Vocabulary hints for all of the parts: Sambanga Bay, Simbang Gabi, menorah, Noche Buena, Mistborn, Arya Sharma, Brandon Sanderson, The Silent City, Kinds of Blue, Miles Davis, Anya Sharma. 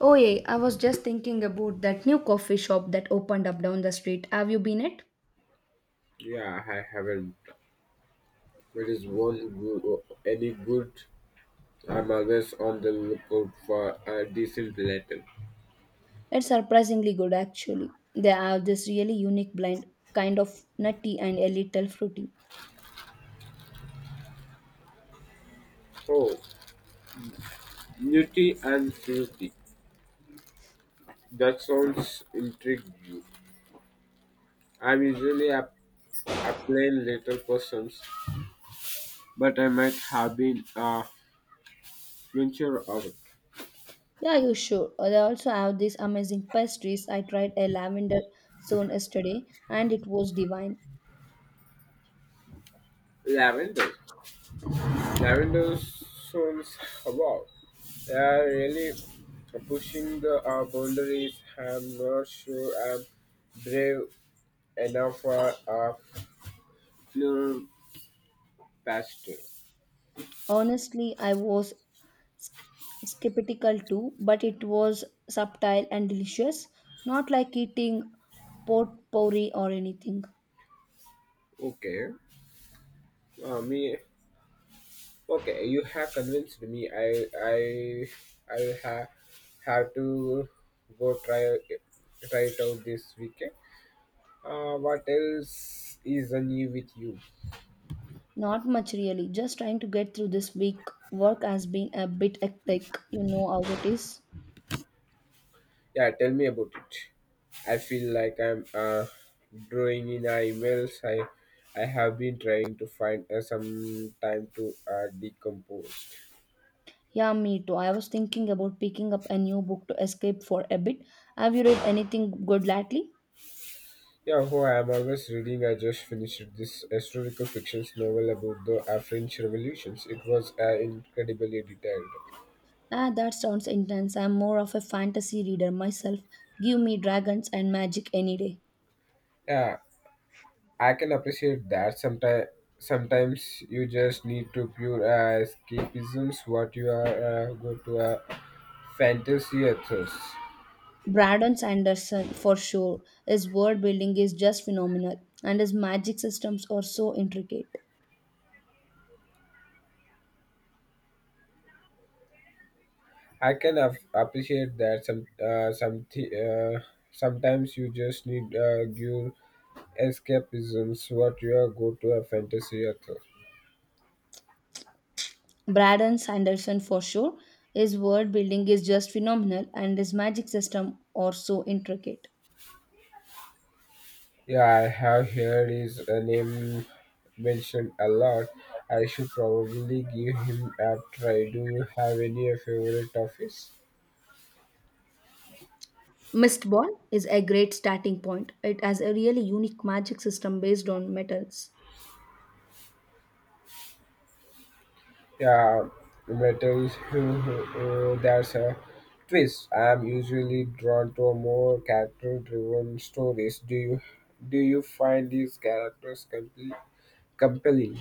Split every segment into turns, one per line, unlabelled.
Oh yeah, I was just thinking about that new coffee shop that opened up down the street. Have you been it?
Yeah, I haven't. It is one good, any good. I'm always on the lookout for a decent letter.
It's surprisingly good actually. They have this really unique blend, kind of nutty and a little fruity.
Oh, nutty and fruity. That sounds intriguing. I'm usually a plain little person, but I might have been a venture of it.
Yeah, you sure. They also have these amazing pastries. I tried a lavender soon yesterday and it was divine.
Lavender. Lavender sounds wow. They are really pushing the boundaries. I'm not sure I'm brave enough for a funeral pastor.
Honestly, I was skeptical too, but it was subtle and delicious, not like eating pot pourri or anything.
Okay, me. Okay, you have convinced me. I I will have to go try it out this weekend. What else is new with you?
Not much really, just trying to get through this week. Work has been a bit hectic, you know how it is.
Yeah, tell me about it. I feel like I'm drawing in our emails. I have been trying to find some time to decompose.
Yeah, me too. I was thinking about picking up a new book to escape for a bit. Have you read anything good lately?
Yeah, who I am always reading. I just finished this historical fiction novel about the French revolutions. It was incredibly detailed.
Ah, that sounds intense. I'm more of a fantasy reader myself. Give me dragons and magic any day.
Yeah, I can appreciate that. Sometimes you just need to pure escapisms. What you are go to fantasy authors.
Brandon Sanderson, for sure. His world building is just phenomenal, and his magic systems are so intricate.
I can appreciate that. Sometimes you just need pure escapisms. What you are go to a fantasy author.
Braden Sanderson for sure. His world building is just phenomenal and his magic system are so intricate.
Yeah, I have heard his name mentioned a lot. I should probably give him a try. Do you have any favorite of his?
Mist Ball is a great starting point. It has a really unique magic system based on metals.
Yeah, metals. That's a twist. I'm usually drawn to more character-driven stories. Do you find these characters compelling?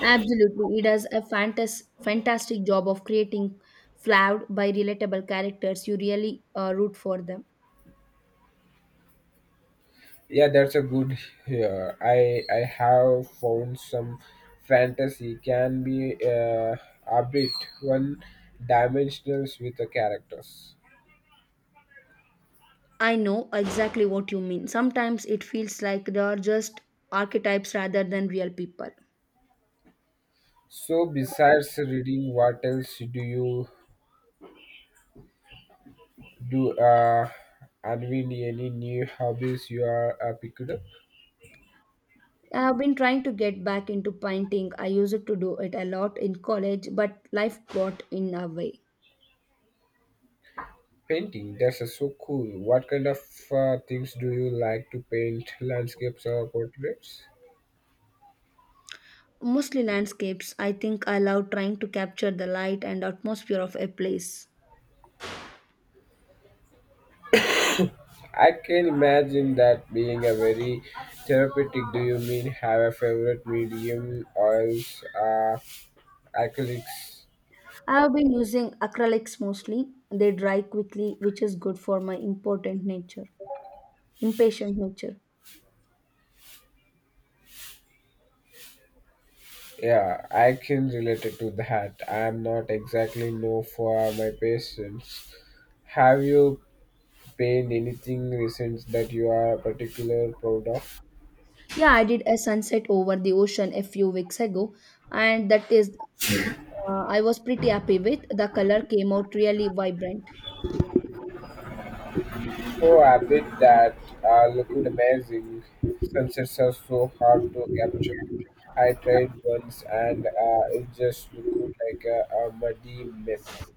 Absolutely, it does a fantastic job of creating flawed by relatable characters. You really root for them.
Yeah, that's a good here. I have found some fantasy can be a bit one dimensional with the characters.
I know exactly what you mean. Sometimes it feels like they are just archetypes rather than real people.
So besides reading, what else do you do? Anvin, any new hobbies you are picked up?
I have been trying to get back into painting. I used to do it a lot in college, but life got in a way.
Painting. That's so cool. What kind of things do you like to paint? Landscapes or portraits?
Mostly landscapes. I think I love trying to capture the light and atmosphere of a place.
I can imagine that being a very therapeutic. Do you mean have a favorite medium oils, acrylics?
I have been using acrylics mostly. They dry quickly, which is good for my important nature, impatient nature.
Yeah, I can relate it to that. I'm not exactly know for my patients. Have you painted anything recent that you are particular proud of?
Yeah, I did a sunset over the ocean a few weeks ago, and that is, I was pretty happy with. The color came out really vibrant.
Oh, I bet that looked amazing. Sunsets are so hard to capture. I tried once and it just looked like a muddy mess.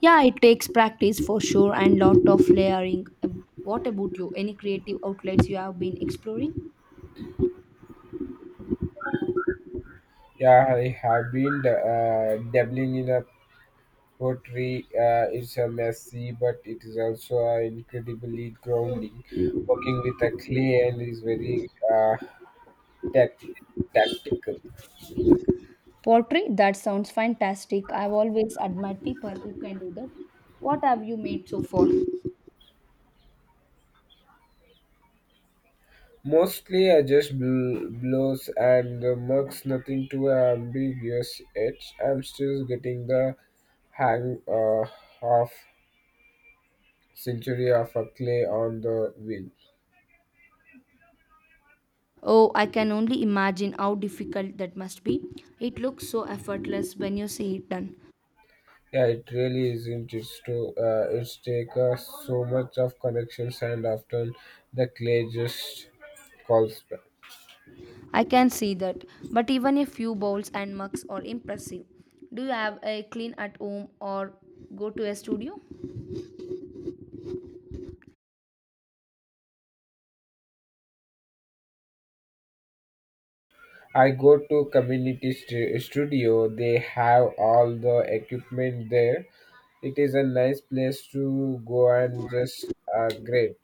Yeah, it takes practice for sure and lot of layering. What about you? Any creative outlets you have been exploring?
Yeah, I have been dabbling in a pottery. It's a messy, but it is also incredibly grounding. Working with a clay and is very uh, tac- tactical.
Pottery? That sounds fantastic. I've always admired people who can do that. What have you made so far?
Mostly, I just blows and the mugs nothing too ambiguous. Yet I'm still getting the hang of century of a clay on the wheel.
Oh, I can only imagine how difficult that must be. It looks so effortless when you see it done.
Yeah, it really isn't. It's to it's take us so much of connections, and often the clay just calls back.
I can see that. But even a few bowls and mugs are impressive. Do you have a clean at home or go to a studio?
I go to community studio. They have all the equipment there. It is a nice place to go and just great.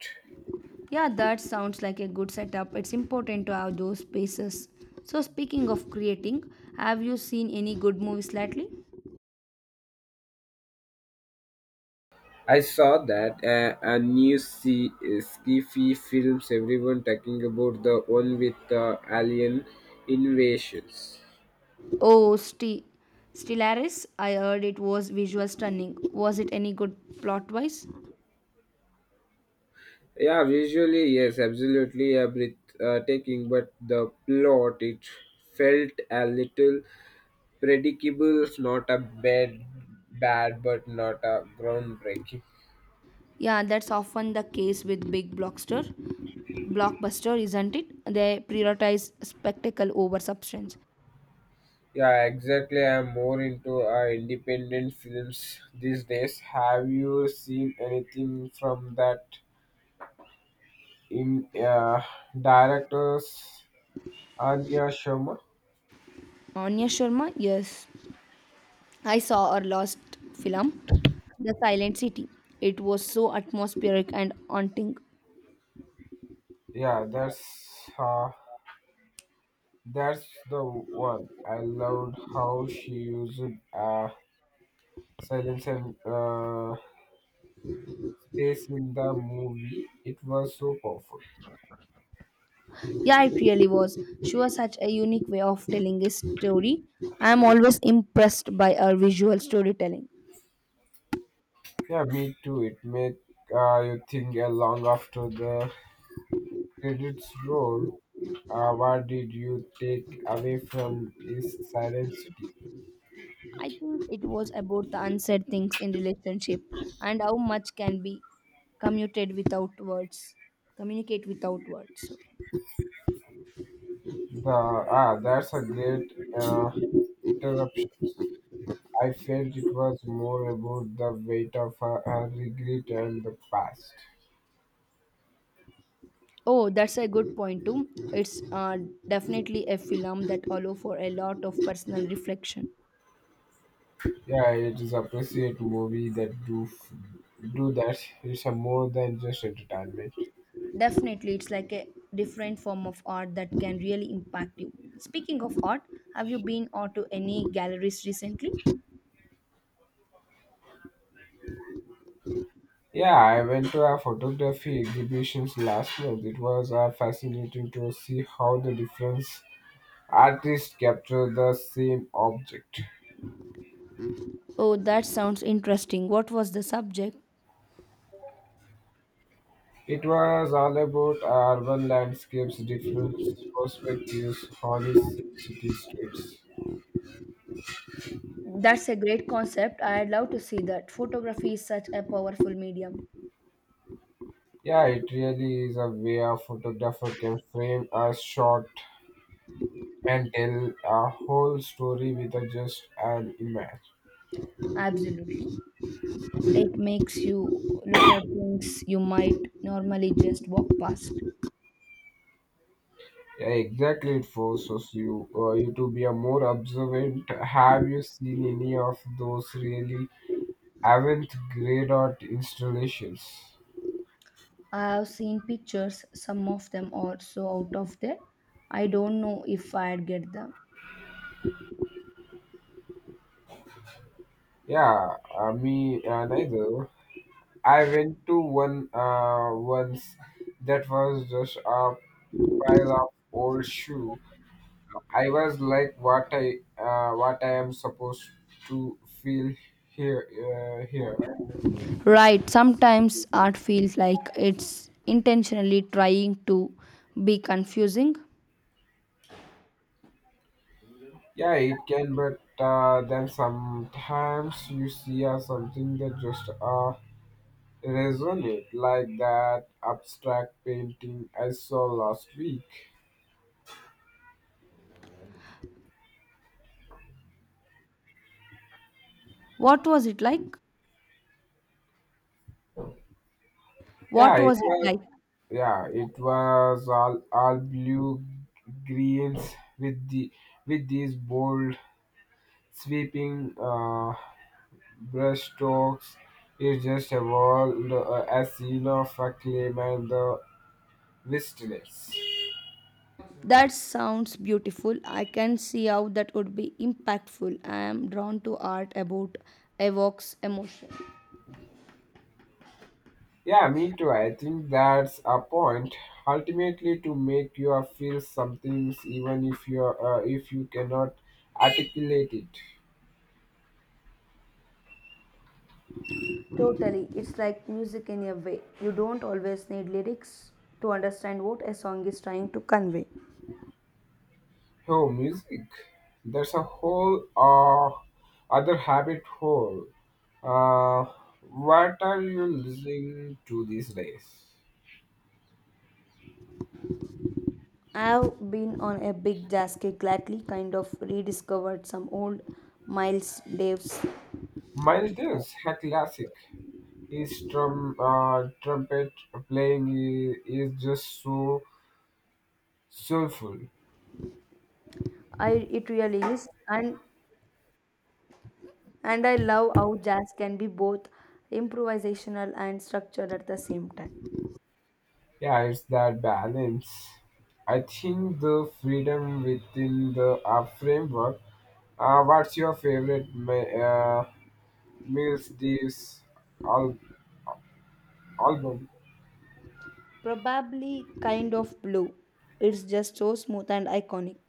Yeah, that sounds like a good setup. It's important to have those spaces. So, speaking of creating, have you seen any good movies lately?
I saw that a new sci-fi films everyone talking about the one with the alien invasions.
Oh, Stellaris, I heard it was visual stunning. Was it any good plot wise?
Yeah, visually yes, absolutely a bit taking, but the plot it felt a little predictable. Not a bad, but not a groundbreaking.
Yeah, that's often the case with big blockster. Blockbuster, isn't it? They prioritize spectacle over substance.
Yeah, exactly. I'm more into independent films these days. Have you seen anything from that in directors Arya Sharma.
Anya Sharma, yes. I saw our last film, The Silent City. It was so atmospheric and haunting.
Yeah, that's uh, that's the one. I loved how she used uh, silence and space in the movie. It was so powerful.
Yeah, it really was. She was such a unique way of telling a story. I am always impressed by her visual storytelling.
Yeah, me too. It made you think long after the credits roll. What did you take away from this silent city?
I think it was about the unsaid things in relationship and how much can be commuted without words. Communicate without words.
That's a great uh, interruption. I felt it was more about the weight of her regret and the past.
Oh, that's a good point too. It's definitely a film that allows for a lot of personal reflection.
Yeah, it is appreciate movie that do that. It's a more than just entertainment.
Definitely, it's like a different form of art that can really impact you. Speaking of art, have you been out to any galleries recently?
Yeah, I went to a photography exhibitions last month. It was fascinating to see how the different artists capture the same object.
Oh, that sounds interesting. What was the subject?
It was all about urban landscapes, different perspectives, holistic city streets.
That's a great concept. I'd love to see that. Photography is such a powerful medium.
Yeah, it really is a way a photographer can frame a shot and tell a whole story with a just an image.
Absolutely. It makes you look at things you might normally just walk past.
Yeah, exactly. It forces you to be a more observant. Have you seen any of those really avant-garde art installations?
I have seen pictures, some of them are so out of there. I don't know if I'd get them.
Yeah, me neither. I went to one once that was just a pile of old shoes I was like, what I am supposed to feel here.
Right, sometimes art feels like it's intentionally trying to be confusing.
Yeah, it can, but then sometimes you see something that just resonate like that abstract painting I saw last week.
What was it like?
Yeah,
What
it
was it
was
like?
yeah, it was all blue greens with the with these bold sweeping brushstrokes is just evolved as scene of a claim and the wistness.
That sounds beautiful. I can see how that would be impactful. I am drawn to art about evokes emotion.
Yeah, me too. I think that's a point. Ultimately, to make you feel something, even if you cannot articulate it.
Totally. It's like music in a way. You don't always need lyrics to understand what a song is trying to convey.
Oh, music. There's a whole other habit hole. Uh, what are you listening to these days?
I've been on a big jazz kick lately, kind of rediscovered some old Miles Davis.
Miles Davis, a classic. His trumpet playing is just so soulful.
I it really is, and I love how jazz can be both improvisational and structured at the same time.
Yeah, it's that balance. I think the freedom within the framework. What's your favorite Mills Davis al- album?
Probably kind of blue. It's just so smooth and iconic.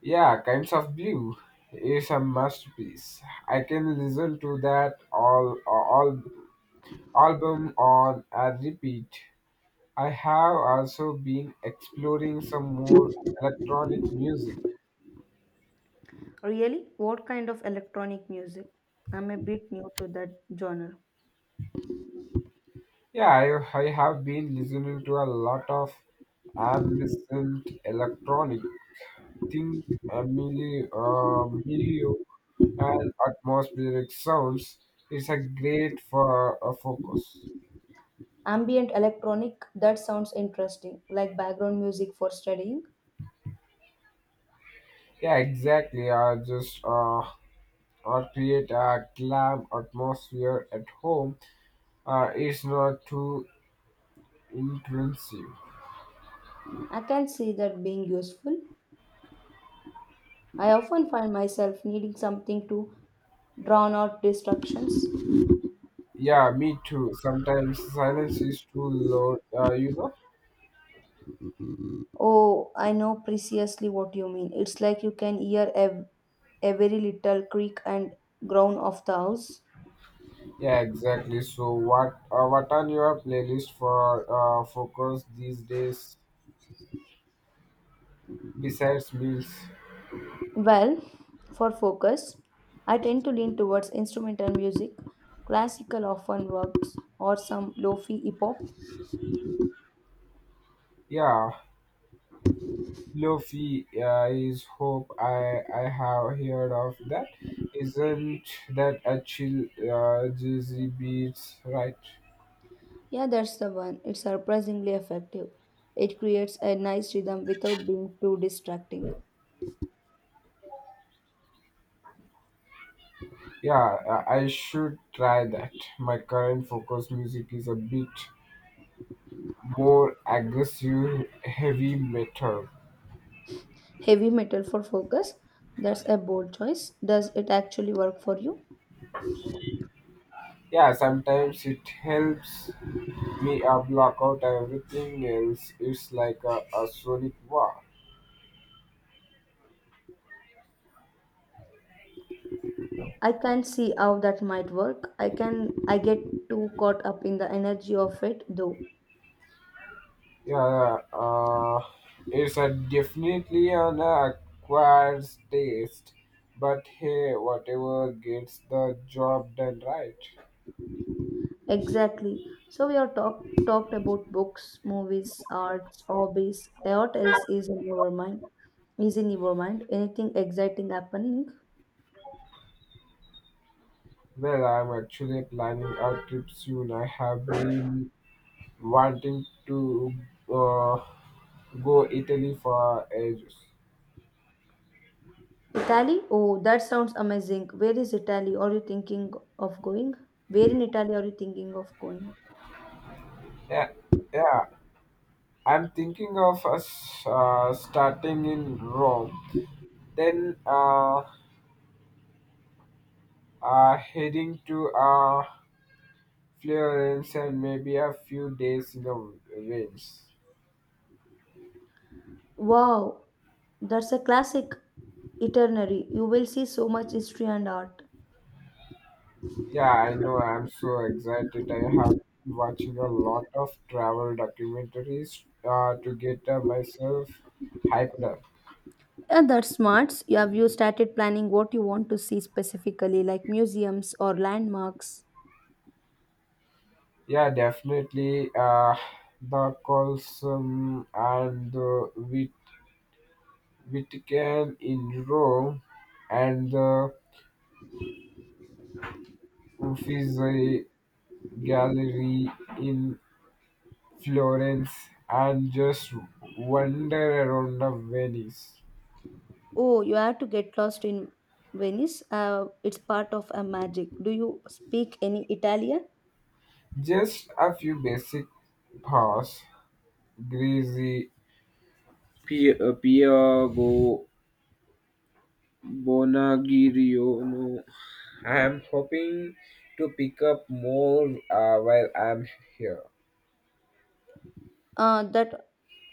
Yeah, Kinds of Blue is a masterpiece. I can listen to that all album on a repeat. I have also been exploring some more electronic music.
Really, what kind of electronic music? I'm a bit new to that genre.
Yeah, I have been listening to a lot of ambient electronic. Think Emilio and atmospheric sounds. It's a great for a focus.
Ambient electronic, that sounds interesting, like background music for studying.
Yeah, exactly. I just or create a glam atmosphere at home. It's not too intrusive.
I can see that being useful. I often find myself needing something to drown out distractions.
Yeah, me too. Sometimes silence is too loud, you know.
Oh, I know precisely what you mean. It's like you can hear every little creak and groan of the house.
Yeah, exactly. So what are your playlist for focus these days besides meals?
Well, for focus, I tend to lean towards instrumental music. Classical often works, or some lofi hip hop.
Yeah, Lofi is hope I have heard of that. Isn't that a chill jazzy beats, right?
Yeah, that's the one. It's surprisingly effective. It creates a nice rhythm without being too distracting.
Yeah, I should try that. My current focus music is a bit more aggressive heavy metal.
Heavy metal for focus? That's a bold choice. Does it actually work for you?
Yeah, sometimes it helps me block out everything else. It's like a sonic war.
I can see how that might work. I get too caught up in the energy of it though.
Yeah, it's a definitely an acquired taste. But hey, whatever gets the job done right.
Exactly. So we have talked about books, movies, arts, hobbies. What else is in your mind? Anything exciting happening?
Well, I'm actually planning a trip soon. I have been wanting to uh, go Italy for ages.
Italy? Oh, that sounds amazing. Where is Italy? Are you thinking of going? Where in Italy are you thinking of going?
Yeah, yeah. I'm thinking of us starting in Rome, then heading to Florence and maybe a few days in the Venice.
Wow, that's a classic itinerary. You will see so much history and art.
Yeah, I know. I'm so excited. I have been watching a lot of travel documentaries to get myself hyped up.
Yeah, that's smart. You have you started planning what you want to see specifically, like museums or landmarks?
Yeah, definitely. The Colosseum and the Vatican in Rome and the Uffizi Gallery in Florence and just wander around the Venice.
Oh, you have to get lost in Venice. It's part of a magic. Do you speak any Italian?
Just a few basic paths, greasy Piago Bonagirio. No, I am hoping to pick up more while I'm here.
Uh, that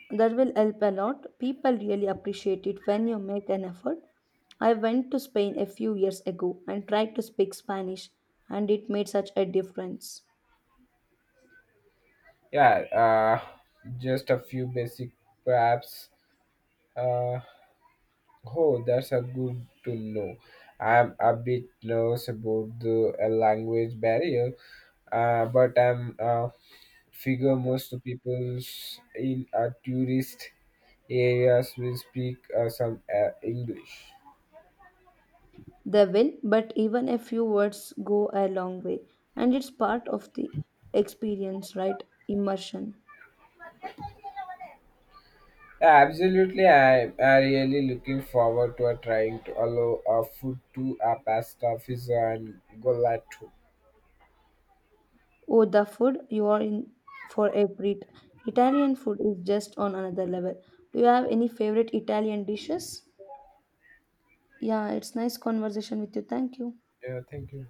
that will help a lot. People really appreciate it when you make an effort. I went to Spain a few years ago and tried to speak Spanish, and it made such a difference.
Yeah, just a few basic perhaps. Uh, Oh, that's a good to know. I'm a bit nervous about the language barrier, but I'm figure most people's in a tourist areas will speak some English.
They will, but even a few words go a long way, and it's part of the experience, right? Immersion.
Yeah, absolutely, I'm really looking forward to trying to allow a food to a pasta, pizza, and gola too.
Oh, the food you are in for a treat. Italian food is just on another level. Do you have any favorite Italian dishes? Yeah, it's nice conversation with you. Thank you.
Yeah, thank you.